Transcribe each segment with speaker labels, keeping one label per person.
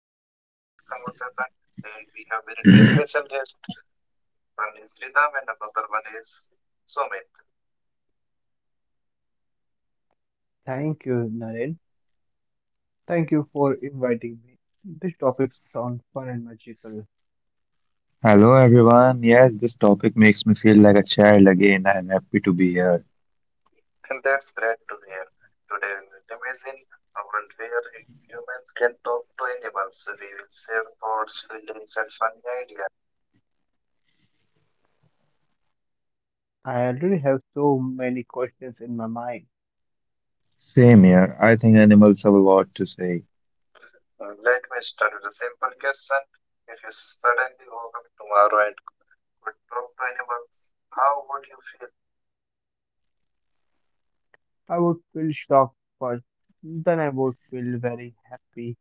Speaker 1: about this conversation, and we have very two special guests. One is Ridham, and another one is Sumit.
Speaker 2: Thank you, Naren. Thank you for inviting me. This topic sounds fun and magical.
Speaker 3: Hello everyone. Yes, this topic makes me feel like a child again. I'm happy to be here.
Speaker 1: And that's great to hear. Today we will imagine a world where humans can talk to animals. We will share thoughts, feelings, and funny ideas.
Speaker 2: I already have so many questions in my mind.
Speaker 3: Same here. I think animals have a lot to say.
Speaker 1: Let me start with a simple question. If you suddenly woke up tomorrow and But Bob Pineapple, how would you feel?
Speaker 2: I would feel shocked first, then I would feel very happy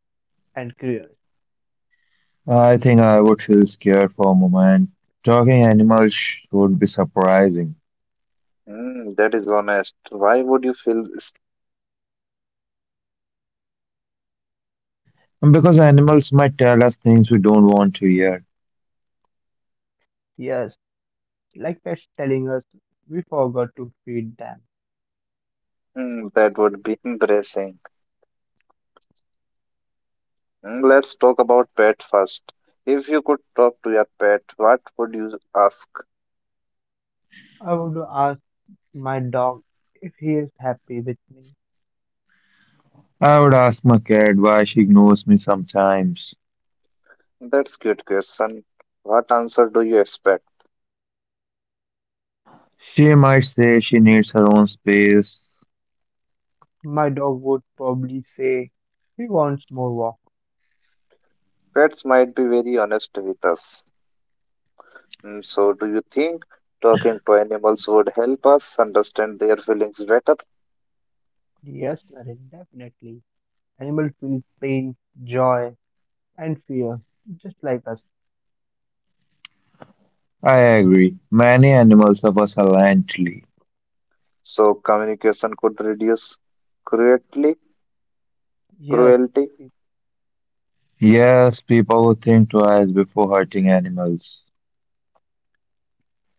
Speaker 2: and curious.
Speaker 3: I think I would feel scared for a moment. Talking animals would be surprising.
Speaker 1: Mm, that is honest. Why would you feel
Speaker 3: And Because animals might tell us things we don't want to hear.
Speaker 2: Yes, like pets telling us we forgot to feed them.
Speaker 1: that would be embarrassing? Let's talk about pet first. If you could talk to your pet, what would you ask?
Speaker 2: I would ask my dog if he is happy with me.
Speaker 3: I would ask my cat why she ignores me sometimes.
Speaker 1: That's cute question. What answer do you expect?
Speaker 3: She might say she needs her own space.
Speaker 2: My dog would probably say he wants more walk.
Speaker 1: Pets might be very honest with us. So, do you think talking to animals would help us understand their feelings better?
Speaker 2: Yes, Naren, definitely. Animal feels pain, joy, and fear, just like us.
Speaker 3: I agree. Many animals love us silently.
Speaker 1: So, communication could reduce cruelty.
Speaker 2: Yes,
Speaker 1: Cruelty.
Speaker 2: it-
Speaker 3: Yes, people would think twice before hurting animals.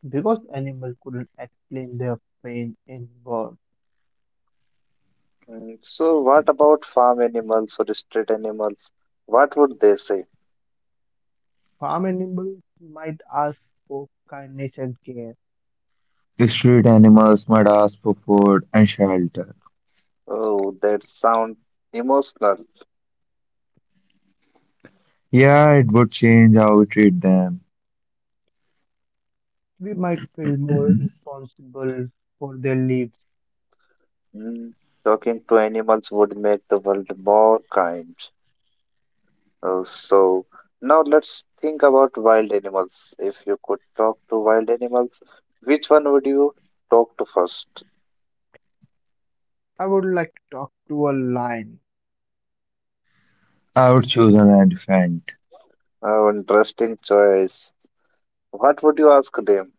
Speaker 2: because animals couldn't explain their pain in words.
Speaker 1: So, what about farm animals or street animals? What would they say?
Speaker 2: Farm animals might ask for kindness and care.
Speaker 3: Street animals might ask for food and shelter.
Speaker 1: Oh, that sound emotional.
Speaker 3: Yeah, it would change how we treat them.
Speaker 2: We might feel more responsible for their lives.
Speaker 1: Mm, Talking to animals would make the world more kind. Oh, so now let's think about wild animals. If you could talk to wild animals, which one would you talk to first?
Speaker 2: I would like to talk to a lion.
Speaker 3: I would choose an elephant.
Speaker 1: Oh, interesting choice. What would you ask them?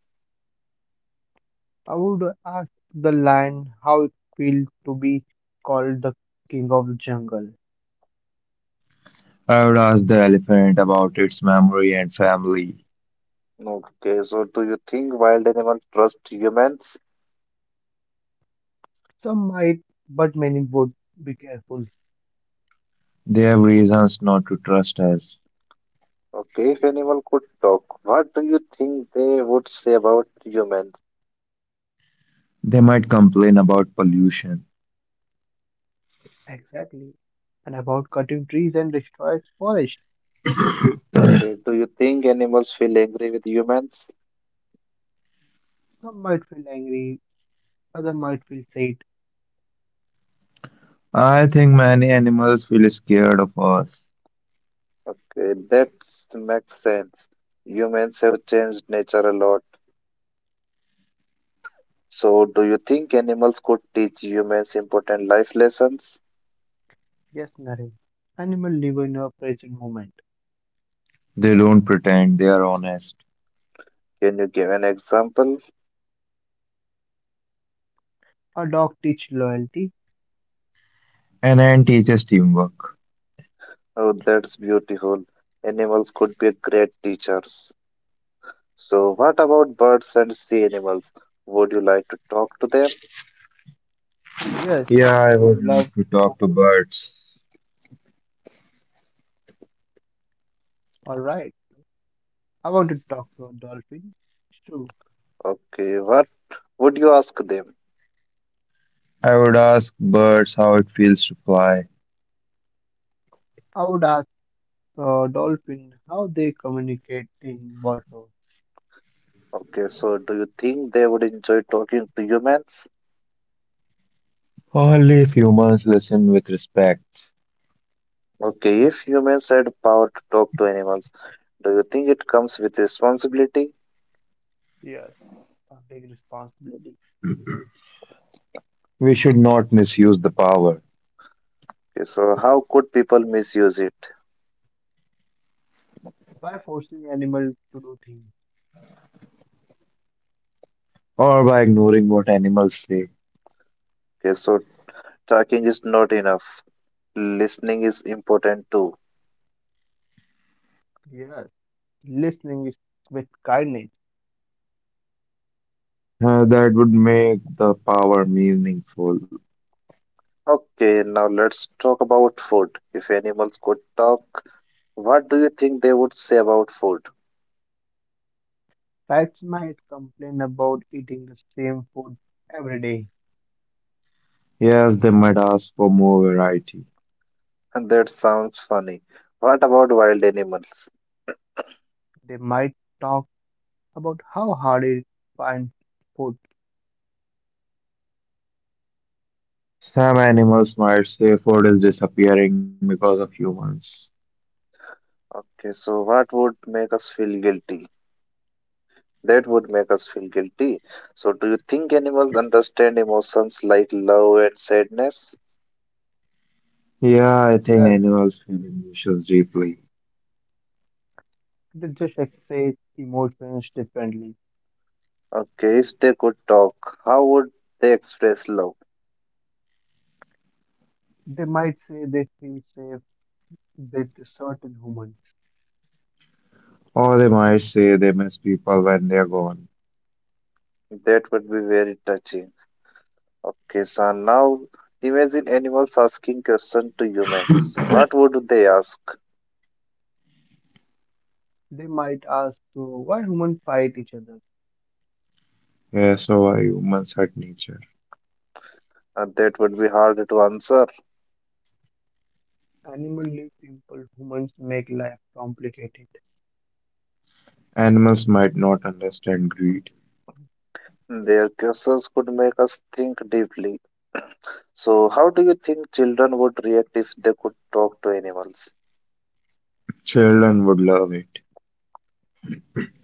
Speaker 2: I would ask the lion how it feels to be called the king of the jungle.
Speaker 3: I would ask the elephant about its memory and family.
Speaker 1: Okay, so do you think wild animals trust humans?
Speaker 2: Some might, but many would be careful.
Speaker 3: They have reasons not to trust us.
Speaker 1: Okay, if animal could talk, what do you think they would say about humans?
Speaker 3: They might complain about pollution.
Speaker 2: Exactly. And about cutting trees and destroyed forests.
Speaker 1: Okay, do you think animals feel angry with humans?
Speaker 2: Some might feel angry, others might feel sad.
Speaker 3: I think many animals feel scared of us.
Speaker 1: Okay, that makes sense. Humans have changed nature a lot. So, do you think animals could teach humans important life lessons?
Speaker 2: Yes, Naren. Animal live in a present moment.
Speaker 3: They don't pretend they are honest.
Speaker 1: Can you give an example?
Speaker 2: A dog teach loyalty.
Speaker 3: An ant teaches teamwork.
Speaker 1: Oh, that's beautiful. Animals could be great teachers. So, what about birds and sea animals? Would you like to talk to them?
Speaker 2: Yes,
Speaker 3: Yeah,
Speaker 2: I
Speaker 3: I
Speaker 2: would
Speaker 3: would love
Speaker 2: love
Speaker 3: to
Speaker 2: to talk.
Speaker 3: talk to birds.
Speaker 2: All right, I want to talk to a dolphin. True.
Speaker 1: Okay, what would you ask them?
Speaker 3: I would ask birds how it feels to fly.
Speaker 2: I would ask a dolphin how they communicate in water.
Speaker 1: Okay, so do you think they would enjoy talking to humans?
Speaker 3: Only if humans listen with respect.
Speaker 1: Okay, if humans had power to talk to animals, do you think it comes with responsibility?
Speaker 2: Yes, a big responsibility.
Speaker 3: We should not misuse the power,
Speaker 1: Okay, so how could people misuse it?
Speaker 2: By forcing animals to do things.
Speaker 3: or by ignoring what animals say.
Speaker 1: Okay, so talking is not enough. Listening is important too.
Speaker 2: Yes, listening is with kindness.
Speaker 3: That would make the power meaningful.
Speaker 1: Okay, now let's talk about food. If animals could talk, what do you think they would say about food?
Speaker 2: Cats might complain about eating the same food every day.
Speaker 3: Yes, they might ask for more variety.
Speaker 1: And that sounds funny. What about wild animals?
Speaker 2: They might talk about how hard it finds food.
Speaker 3: Some animals might say food is disappearing because of humans.
Speaker 1: Okay, so what would make us feel guilty? That would make us feel guilty. So, do you think animals understand emotions like love and sadness?
Speaker 3: Yeah, I think
Speaker 2: Yes,
Speaker 3: animals feel emotions deeply.
Speaker 2: they just express emotions differently.
Speaker 1: Okay, if they could talk, how would they express love?
Speaker 2: They might say they feel safe with certain humans.
Speaker 3: Or they might say they miss people when they're gone.
Speaker 1: That would be very touching. Okay, so now imagine animals asking questions to humans. What would they ask?
Speaker 2: They might ask why humans fight each other.
Speaker 3: Yes, so are humans hurt nature.
Speaker 1: That would be hard to answer.
Speaker 2: Animals live simple, humans make life complicated.
Speaker 3: Animals might not understand greed.
Speaker 1: Their questions could make us think deeply. So, how do you think children would react if they could talk to animals?
Speaker 3: Children would love it.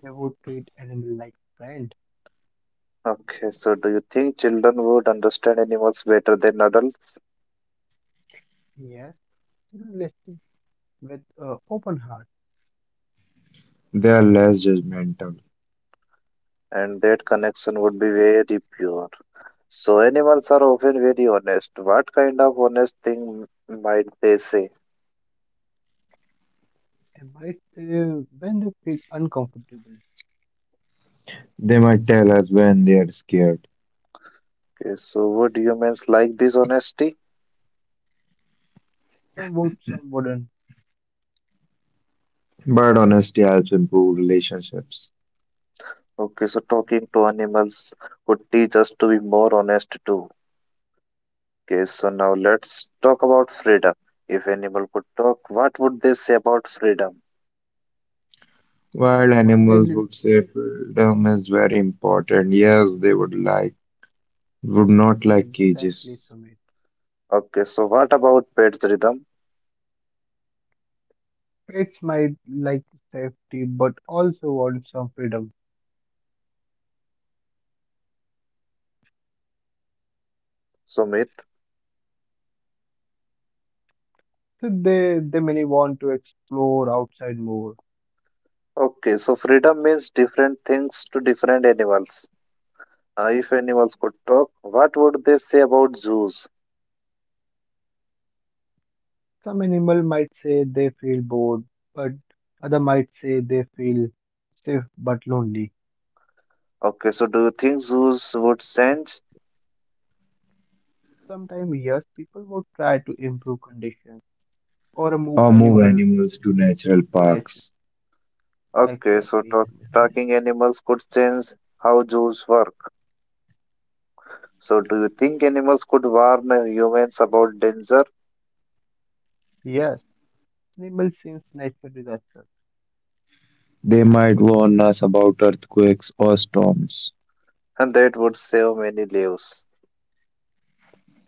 Speaker 2: They would treat animal like friend.
Speaker 1: Okay, so do you think children would understand animals better than adults?
Speaker 2: Yes, still listen with open heart.
Speaker 3: They are less judgmental.
Speaker 1: And that connection would be very pure. So animals are often very honest. What kind of honest thing might they say?
Speaker 2: They might say when they feel uncomfortable.
Speaker 3: They might tell us when they are scared.
Speaker 1: Okay, so would humans like this honesty?
Speaker 2: Some would, some wouldn't.
Speaker 3: But honesty helps improve relationships.
Speaker 1: Okay, so talking to animals would teach us to be more honest too. Okay, so now let's talk about freedom. If animal could talk, what would they say about freedom?
Speaker 3: While
Speaker 2: Why did
Speaker 3: animals
Speaker 2: it
Speaker 3: would say freedom is very important, yes, they would like would not like cages
Speaker 2: exactly summit?
Speaker 1: Okay, so what about pets rhythm?
Speaker 2: Pets might like safety but also want some freedom.
Speaker 1: Sumit?
Speaker 2: So they many want to explore outside more.
Speaker 1: Okay, so freedom means different things to different animals. If animals could talk, what would they say about zoos?
Speaker 2: Some animal might say they feel bored, but other might say they feel safe but lonely.
Speaker 1: Okay, so do you think zoos would change?
Speaker 2: Sometimes yes, people will try to improve conditions or move
Speaker 3: or move
Speaker 2: animal
Speaker 3: animals to natural
Speaker 2: to nature.
Speaker 3: parks.
Speaker 1: Okay, so
Speaker 2: Exactly.
Speaker 1: talk,
Speaker 2: Sumit.
Speaker 1: talking animals could change how zoos work. So do you think animals could warn humans about danger?
Speaker 2: Yes, animal sense nature disaster.
Speaker 3: They might warn us about earthquakes or storms.
Speaker 1: And that would save many lives.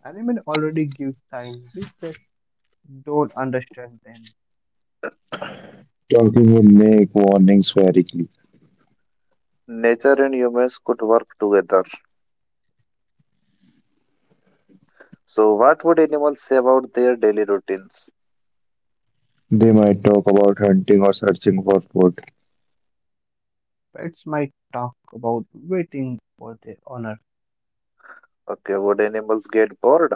Speaker 2: Animal already give signs, we just don't understand them.
Speaker 3: Talking would make warnings very clear.
Speaker 1: Nature and humans could work together. So what would animals say about their daily routines?
Speaker 3: They might talk about hunting or searching for food.
Speaker 2: Pets might talk about waiting for their owner.
Speaker 1: Okay, would animals get bored?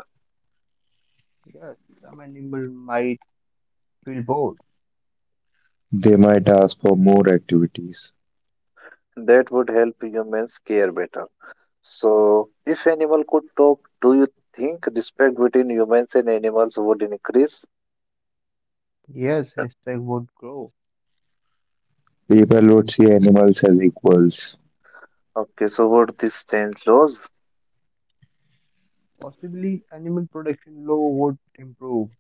Speaker 2: Yes, some animal might feel bored.
Speaker 3: They might ask for more activities.
Speaker 1: That would help humans care better. So, if animal could talk, do you think respect between humans and animals would increase?
Speaker 2: Yes, respect would grow.
Speaker 3: People would see animals as equals
Speaker 1: Okay, so would this change laws?
Speaker 2: Possibly, animal protection law would improve.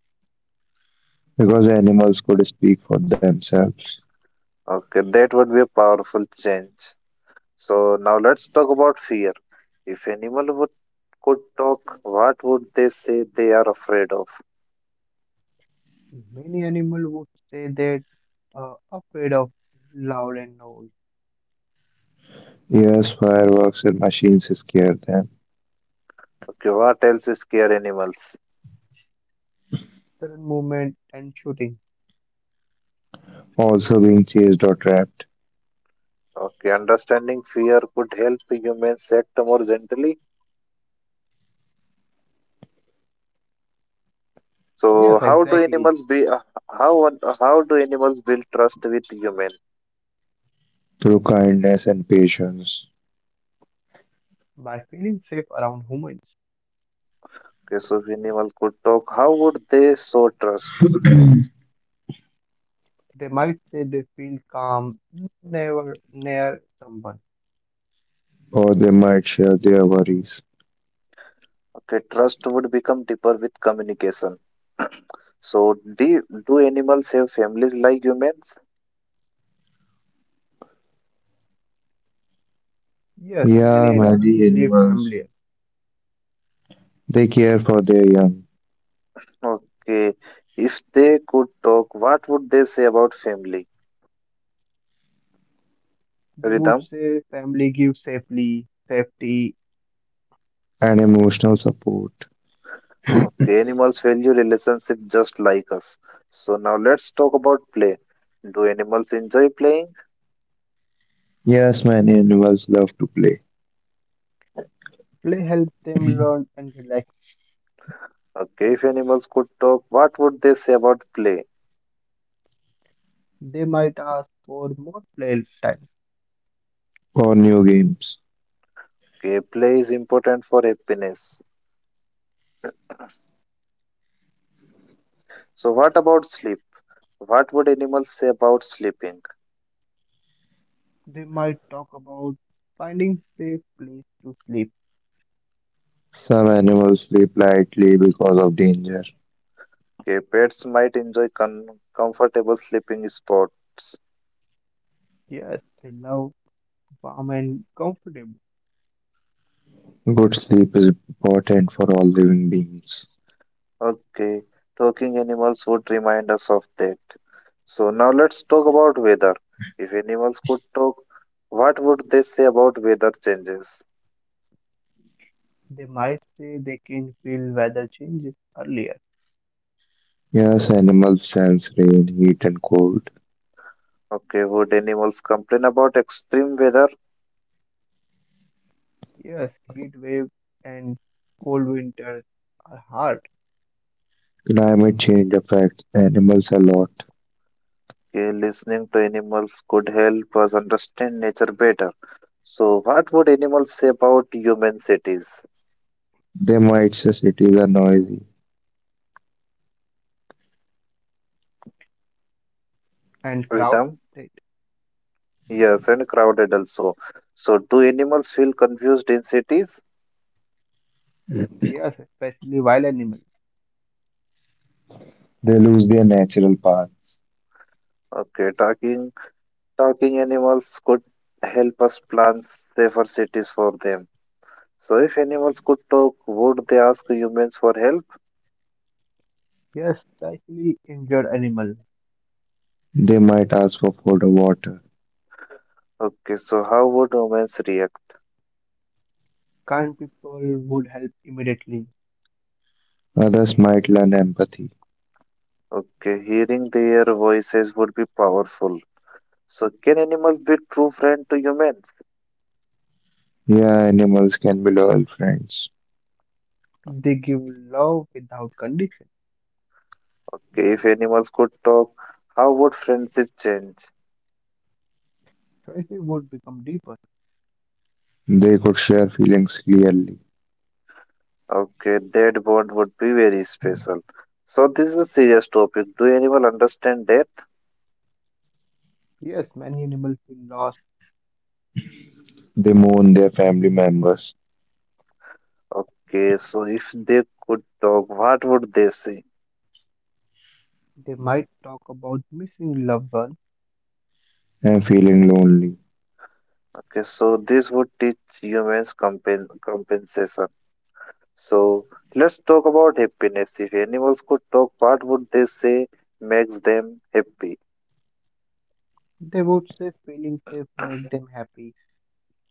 Speaker 3: because animals could speak for themselves.
Speaker 1: Okay, that would be a powerful change. So now let's talk about fear. If animal would could talk, what would they say they are afraid of?
Speaker 2: Many animals would say that afraid of loud and noise,
Speaker 3: Yes, fireworks and machines scare them,
Speaker 1: Okay, what else is scare animals?
Speaker 2: sudden movement, and shooting.
Speaker 3: also being chased or trapped
Speaker 1: Okay, understanding fear could help humans act more gently. So
Speaker 2: Yes,
Speaker 1: how do
Speaker 2: exactly.
Speaker 1: animals be? How how do animals build trust with humans?
Speaker 3: through kindness and patience,
Speaker 2: By feeling safe around humans,
Speaker 1: Okay, so if animal could talk, how would they show trust?
Speaker 2: they might say they feel calm never near someone.
Speaker 3: or they might share their worries.
Speaker 1: Okay, trust would become deeper with communication. So, do animals have families like humans?
Speaker 2: Yes, many
Speaker 3: Yeah,
Speaker 2: animals
Speaker 3: many
Speaker 2: live
Speaker 3: animals
Speaker 2: familiar.
Speaker 3: they care for their young
Speaker 1: Okay, if they could talk, what would they say about family?
Speaker 2: They would
Speaker 1: Rhythm.
Speaker 2: say family gives safely, safety,
Speaker 3: and emotional support.
Speaker 1: Okay, animals value relationship just like us. So now let's talk about play. Do animals enjoy playing?
Speaker 3: Yes, many animals love to play
Speaker 2: play helps them learn and relax.
Speaker 1: Okay, if animals could talk, what would they say about play?
Speaker 2: They might ask for more play time.
Speaker 3: or new games.
Speaker 1: Okay, play is important for happiness. So what about sleep? What would animals say about sleeping?
Speaker 2: They might talk about finding safe place to sleep.
Speaker 3: Some animals sleep lightly because of danger.
Speaker 1: Okay, pets might enjoy comfortable sleeping spots.
Speaker 2: Yes, they love warm and comfortable.
Speaker 3: Good sleep is important for all living beings.
Speaker 1: Okay, talking animals would remind us of that. So now let's talk about weather. If animals could talk, what would they say about weather changes?
Speaker 2: They might say they can feel weather changes earlier.
Speaker 3: Yes, animals sense rain, heat, and cold.
Speaker 1: Okay, would animals complain about extreme weather?
Speaker 2: Yes, heat waves and cold winters are hard
Speaker 3: Climate change affects animals a lot.
Speaker 1: Okay, listening to animals could help us understand nature better. So, what would animals say about human cities?
Speaker 3: They might say cities are noisy.
Speaker 2: and crowded.
Speaker 1: Rhythm? Yes, and crowded also. So, do animals feel confused in cities?
Speaker 2: Yes, especially wild animals.
Speaker 3: They lose their natural paths.
Speaker 1: Okay, talking animals could help us plan safer cities for them. So, if animals could talk, would they ask humans for help?
Speaker 2: Yes, especially injured animals.
Speaker 3: They might ask for food or water.
Speaker 1: Okay, so how would humans react?
Speaker 2: Kind people would help immediately.
Speaker 3: Others might learn empathy.
Speaker 1: Okay, hearing their voices would be powerful. So, can animals be true friend to humans?
Speaker 3: Yeah, animals can be loyal friends.
Speaker 2: They give love without condition.
Speaker 1: Okay, if animals could talk, how would friendship change?
Speaker 2: Choices would become deeper.
Speaker 3: They could share feelings clearly.
Speaker 1: Okay, that bond would be very special. So this is a serious topic. Do animal understand death?
Speaker 2: Yes, many animals feel lost.
Speaker 3: They mourn their family members
Speaker 1: Okay, so if they could talk, what would they say?
Speaker 2: They might talk about missing loved ones.
Speaker 3: and feeling lonely.
Speaker 1: Okay, so this would teach humans compensation. So let's talk about happiness. If animals could talk, what would they say makes them happy?
Speaker 2: They would say feeling safe make them happy.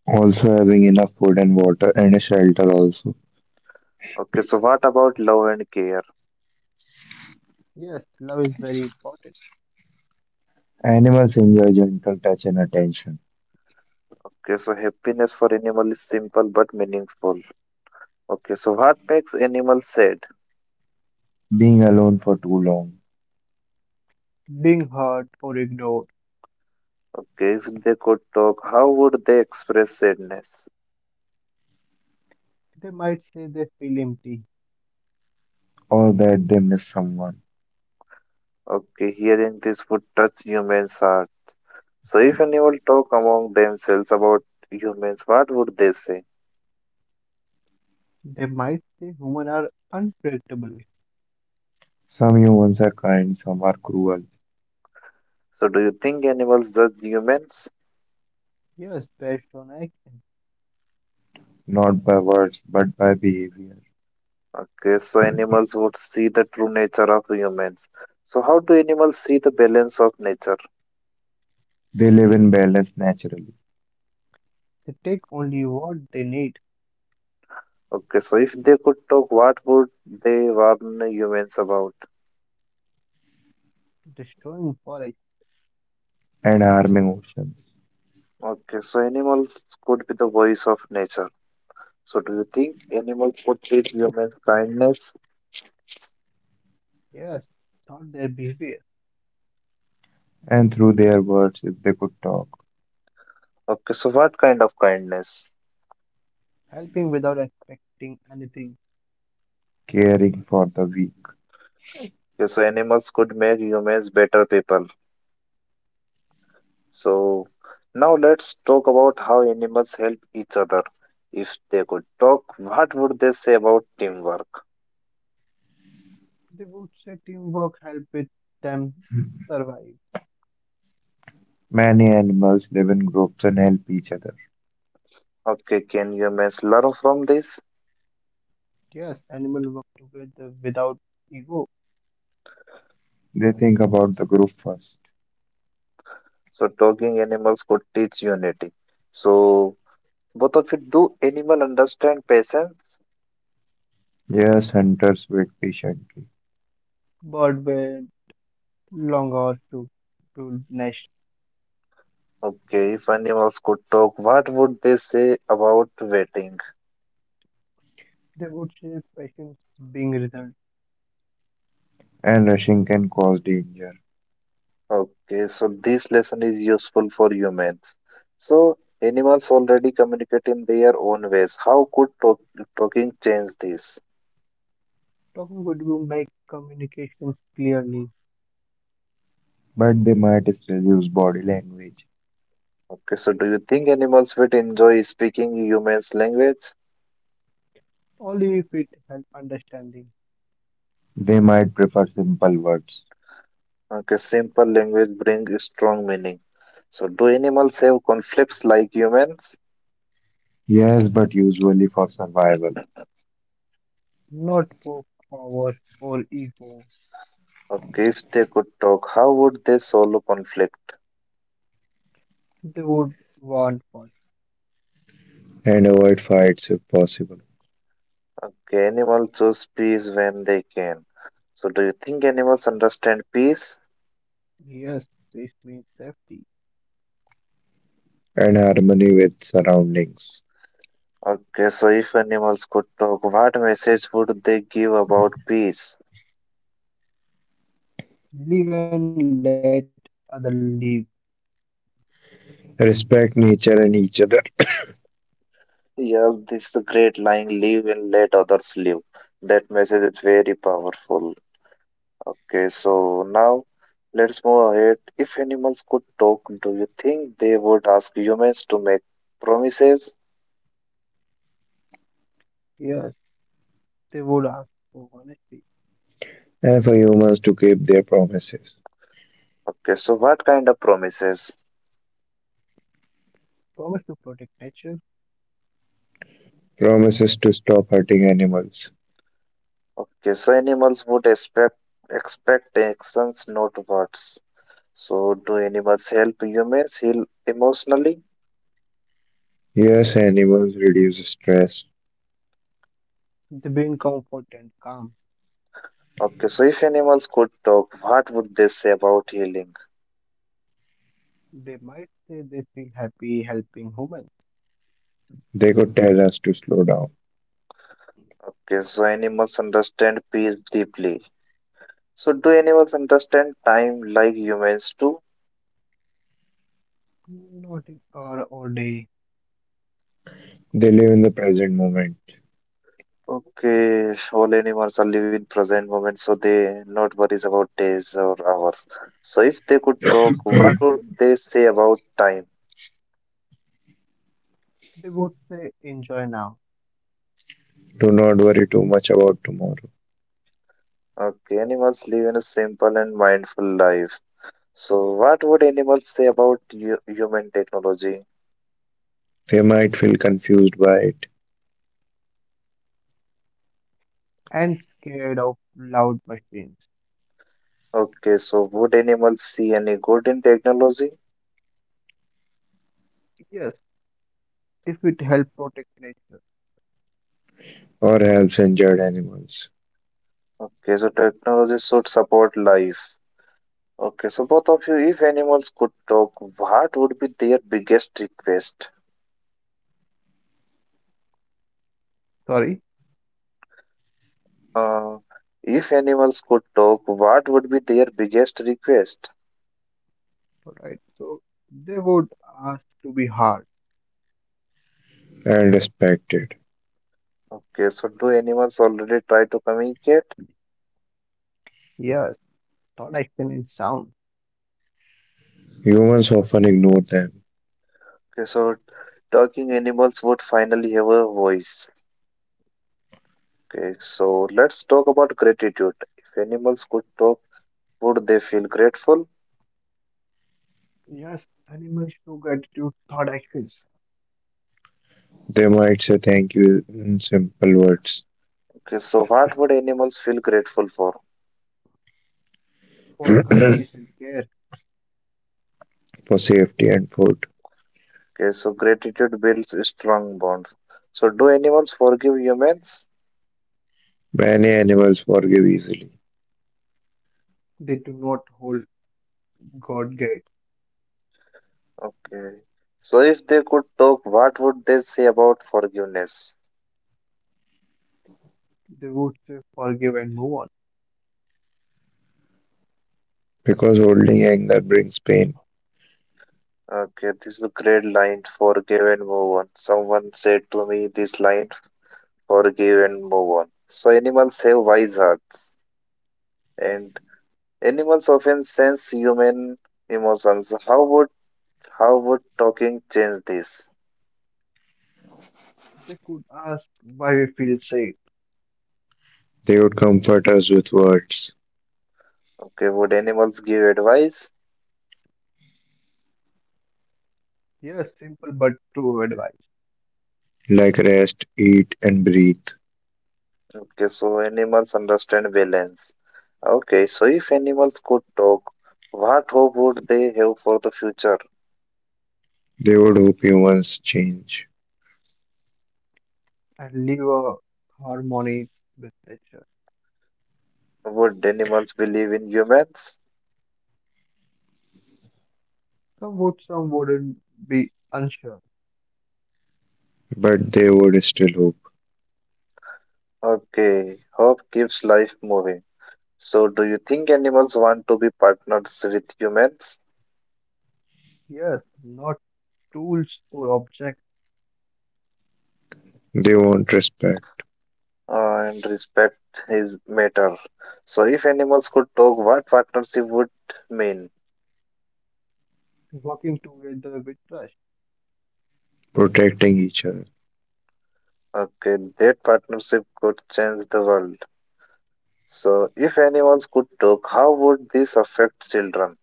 Speaker 3: Also, having enough food and water and a shelter also
Speaker 1: Okay, so what about love and care?
Speaker 2: Yes, love is very important.
Speaker 3: animals enjoy gentle touch and attention.
Speaker 1: Okay, so happiness for animal is simple but meaningful. Okay, so what makes animals sad?
Speaker 3: Being alone for too long,
Speaker 2: Being hurt or ignored.
Speaker 1: Okay, if they could talk, how would they express sadness?
Speaker 2: They might say they feel empty.
Speaker 3: or that they miss someone.
Speaker 1: Okay, hearing this would touch humans' heart. So, if animals talk among themselves about humans, what would they say?
Speaker 2: They might say humans are unpredictable.
Speaker 3: Some humans are kind, some are cruel,
Speaker 1: So, do you think animals judge humans?
Speaker 2: Yes, based on action.
Speaker 3: not by words but by behavior.
Speaker 1: Okay, so animals would see the true nature of humans. So, how do animals see the balance of nature?
Speaker 3: They live in balance naturally
Speaker 2: They take only what they need,
Speaker 1: Okay, so if they could talk, what would they warn humans about?
Speaker 2: destroying forest.
Speaker 3: and harming oceans.
Speaker 1: Okay, so animals could be the voice of nature. So, do you think animals portray humans' kindness?
Speaker 2: Yes, not their behavior.
Speaker 3: And through their words, if they could talk,
Speaker 1: Okay, so what kind of kindness?
Speaker 2: Helping without expecting anything.
Speaker 3: caring for the weak.
Speaker 1: Okay, so animals could make humans better people. So, now let's talk about how animals help each other. If they could talk, what would they say about teamwork?
Speaker 2: They would say teamwork help with them survive.
Speaker 3: Many animals live in groups and help each other.
Speaker 1: Okay, can humans learn from this?
Speaker 2: Yes, animals work together without ego,
Speaker 3: They think about the group first.
Speaker 1: So, talking animals could teach unity. So, both of you, do animal understand patience?
Speaker 3: Yes, hunters wait patiently,
Speaker 2: but with long hours to nest.
Speaker 1: Okay, if animals could talk, what would they say about waiting?
Speaker 2: They would say patience being result.
Speaker 3: and rushing can cause danger.
Speaker 1: Okay, so this lesson is useful for humans. So animals already communicate in their own ways. How could talking change this?
Speaker 2: Talking would you make communication clearly,
Speaker 3: But they might still use body language.
Speaker 1: Okay, so do you think animals would enjoy speaking humans' language?
Speaker 2: only if it help understanding,
Speaker 3: They might prefer simple words.
Speaker 1: Okay, simple language brings strong meaning. So do animals have conflicts like humans?
Speaker 3: Yes, but usually for survival.
Speaker 2: not for power or ego.
Speaker 1: Okay, if they could talk, how would they solve conflict?
Speaker 2: They would want first.
Speaker 3: And avoid fights if possible.
Speaker 1: Okay, animals choose peace when they can. So do you think animals understand peace?
Speaker 2: Yes, this means safety.
Speaker 3: And harmony with surroundings.
Speaker 1: Okay, so if animals could talk, what message would they give about peace?
Speaker 2: Live and let other live.
Speaker 3: Respect nature and each other.
Speaker 1: Yes, this great line: live and let others live. That message is very powerful. Okay, so now let's move ahead. If animals could talk, do you think they would ask humans to make promises?
Speaker 2: Yes. They would ask for honesty,
Speaker 3: And for humans to keep their promises.
Speaker 1: Okay, so what kind of promises?
Speaker 2: promise to protect nature,
Speaker 3: Promises to stop hurting animals.
Speaker 1: Okay, so animals would expect actions, not words. So do animals help humans heal emotionally?
Speaker 3: Yes,
Speaker 2: yeah,
Speaker 3: animals reduce stress.
Speaker 2: they bring comfort and calm.
Speaker 1: Okay, so if animals could talk, what would they say about healing?
Speaker 2: They might say they feel happy helping humans,
Speaker 3: They could tell us to slow down.
Speaker 1: Okay, so animals understand peace deeply. So do animals understand time like humans do?
Speaker 2: not in- or all day.
Speaker 3: They live in the present moment.
Speaker 1: Okay, all animals are living present moment, so they not worries about days or hours. So if they could talk, what would they say about time?
Speaker 2: They would say enjoy now
Speaker 3: Do not worry too much about tomorrow.
Speaker 1: Okay, animals live in a simple and mindful life. So what would animals say about human technology?
Speaker 3: They might feel confused by it,
Speaker 2: and scared of loud machines.
Speaker 1: Okay, so would animals see any good in technology?
Speaker 2: Yes, if it help protect nature.
Speaker 3: or helps injured animals
Speaker 1: Okay, so technology should support life. Okay, so both of you, if animals could talk, what would be their biggest request?
Speaker 2: Sorry,
Speaker 1: Uh, if animals could talk, what would be their biggest request?
Speaker 2: alright. So they would ask to be heard.
Speaker 3: and respected.
Speaker 1: Okay, so do animals already try to communicate?
Speaker 2: Yes, thought action and sound.
Speaker 3: Humans often ignore them.
Speaker 1: Okay, so talking animals would finally have a voice. Okay, so let's talk about gratitude. If animals could talk, would they feel grateful?
Speaker 2: Yes, animals show gratitude, thought actions
Speaker 3: They might say thank you in simple words.
Speaker 1: Okay, so what would animals feel grateful for?
Speaker 2: for
Speaker 3: For
Speaker 2: kindness and care.
Speaker 3: safety and food.
Speaker 1: Okay, so gratitude builds strong bonds. So, do animals forgive humans?
Speaker 3: Many animals forgive easily
Speaker 2: They do not hold God gave,
Speaker 1: Okay. So, if they could talk, what would they say about forgiveness?
Speaker 2: they would say, forgive and move on.
Speaker 3: because holding anger brings pain.
Speaker 1: Okay, this is a great line. Forgive and move on. Someone said to me this line, forgive and move on. So, animals have wise hearts, and animals often sense human emotions. How would talking change this?
Speaker 2: They could ask why we feel safe.
Speaker 3: They would comfort us with words
Speaker 1: Okay, would animals give advice?
Speaker 2: Yes, simple but true advice.
Speaker 3: like rest, eat, and breathe.
Speaker 1: Okay, so animals understand balance. Okay, so if animals could talk, what hope would they have for the future?
Speaker 3: They would hope humans change,
Speaker 2: And live a harmony with nature.
Speaker 1: Would animals believe in humans?
Speaker 2: Some would, some wouldn't be unsure.
Speaker 3: but they would still hope.
Speaker 1: Okay, hope keeps life moving. So, do you think animals want to be partners with humans?
Speaker 2: Yes, not tools or objects.
Speaker 3: They want respect,
Speaker 1: And respect is matter. So, if animals could talk, what partnership would mean?
Speaker 2: Working together with trust.
Speaker 3: protecting each other.
Speaker 1: Okay, that partnership could change the world. So, if animals could talk, how would this affect children?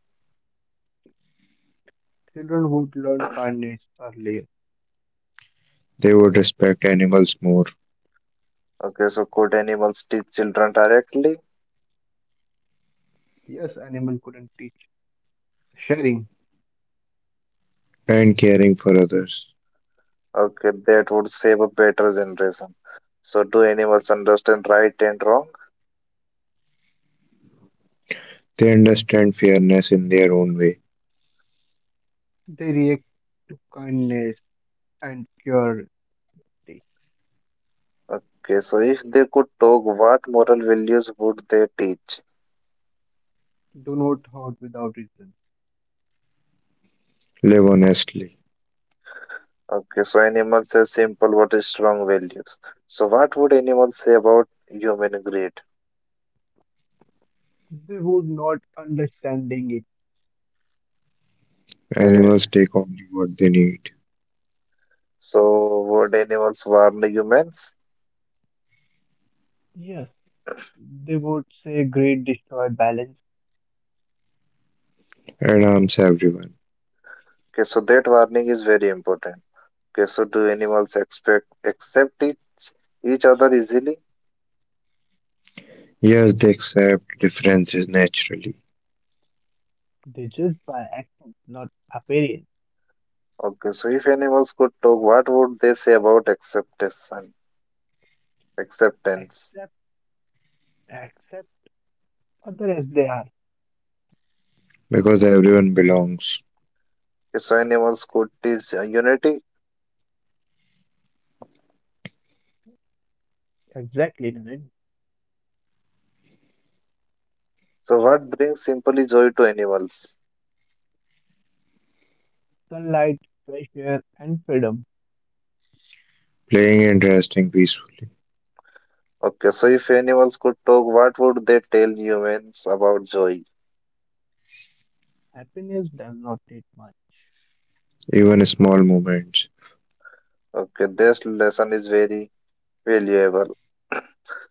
Speaker 2: Children would learn kindness earlier.
Speaker 3: They would respect animals more
Speaker 1: Okay, so could animals teach children directly?
Speaker 2: Yes, animal couldn't teach. Sharing.
Speaker 3: and caring for others.
Speaker 1: Okay, that would save a better generation. So, do animals understand right and wrong?
Speaker 3: They understand fairness in their own way,
Speaker 2: They react to kindness and curiosity.
Speaker 1: Okay, so if they could talk, what moral values would they teach?
Speaker 2: Do not hurt without reason.
Speaker 3: live honestly.
Speaker 1: Okay, so animals have simple What is strong values. So, what would animals say about human greed?
Speaker 2: They would not understanding it.
Speaker 1: Okay,
Speaker 3: Animals take only what they need
Speaker 1: so would animals warn humans?
Speaker 2: Yes, they would say great destroy balance.
Speaker 3: and harms everyone.
Speaker 1: Okay, so that warning is very important. Okay, so do animals expect accept each other easily?
Speaker 3: Yes, they accept differences naturally
Speaker 2: They judge by action, not appearance.
Speaker 1: Okay, so if animals could talk, what would they say about acceptance? acceptance.
Speaker 2: Accept, accept others as they are.
Speaker 3: because everyone belongs,
Speaker 1: Okay, so animals could teach unity.
Speaker 2: Exactly, Naren.
Speaker 1: So what brings simply joy to animals?
Speaker 2: Sunlight, fresh air, and freedom.
Speaker 3: playing and resting peacefully,
Speaker 1: Okay, so if animals could talk, what would they tell humans about joy?
Speaker 2: Happiness does not need much.
Speaker 3: even small moments,
Speaker 1: Okay, this lesson is very valuable.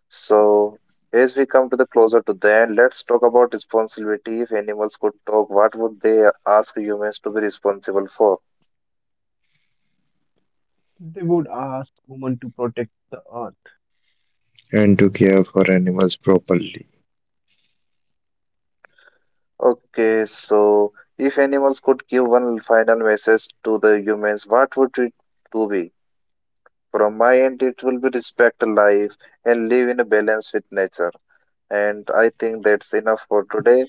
Speaker 1: So as we come to the closer to the end, let's talk about responsibility. If animals could talk, what would they ask humans to be responsible for?
Speaker 2: They would ask human to protect the earth.
Speaker 3: and to care for animals properly.
Speaker 1: Okay, so if animals could give one final message to the humans, what would it to be? From my end, it will be respect life and live in a balance with nature. And I think that's enough for today.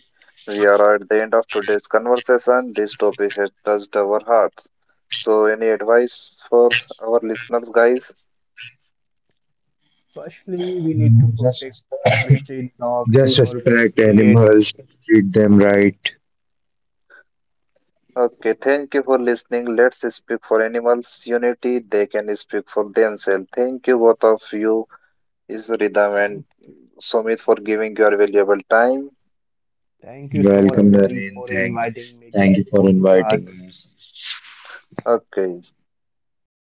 Speaker 1: We are at the end of today's conversation. This topic has touched our hearts. So, any advice for our listeners, guys?
Speaker 2: Firstly, we need to
Speaker 3: Just
Speaker 2: protect
Speaker 3: respect.
Speaker 2: our street dogs
Speaker 3: Just
Speaker 2: or
Speaker 3: respect
Speaker 2: cats.
Speaker 3: animals, treat them right,
Speaker 1: Okay, thank you for listening. Let's speak for animals' unity. They can speak for themselves. Thank you, both of you, is Ridham and
Speaker 2: Thank,
Speaker 1: Sumit, for giving your valuable time.
Speaker 2: thank you so much,
Speaker 3: welcome
Speaker 2: Naren,
Speaker 3: Naren.
Speaker 2: for inviting me this
Speaker 3: Thank you for inviting
Speaker 2: podcast.
Speaker 3: us.
Speaker 1: Okay.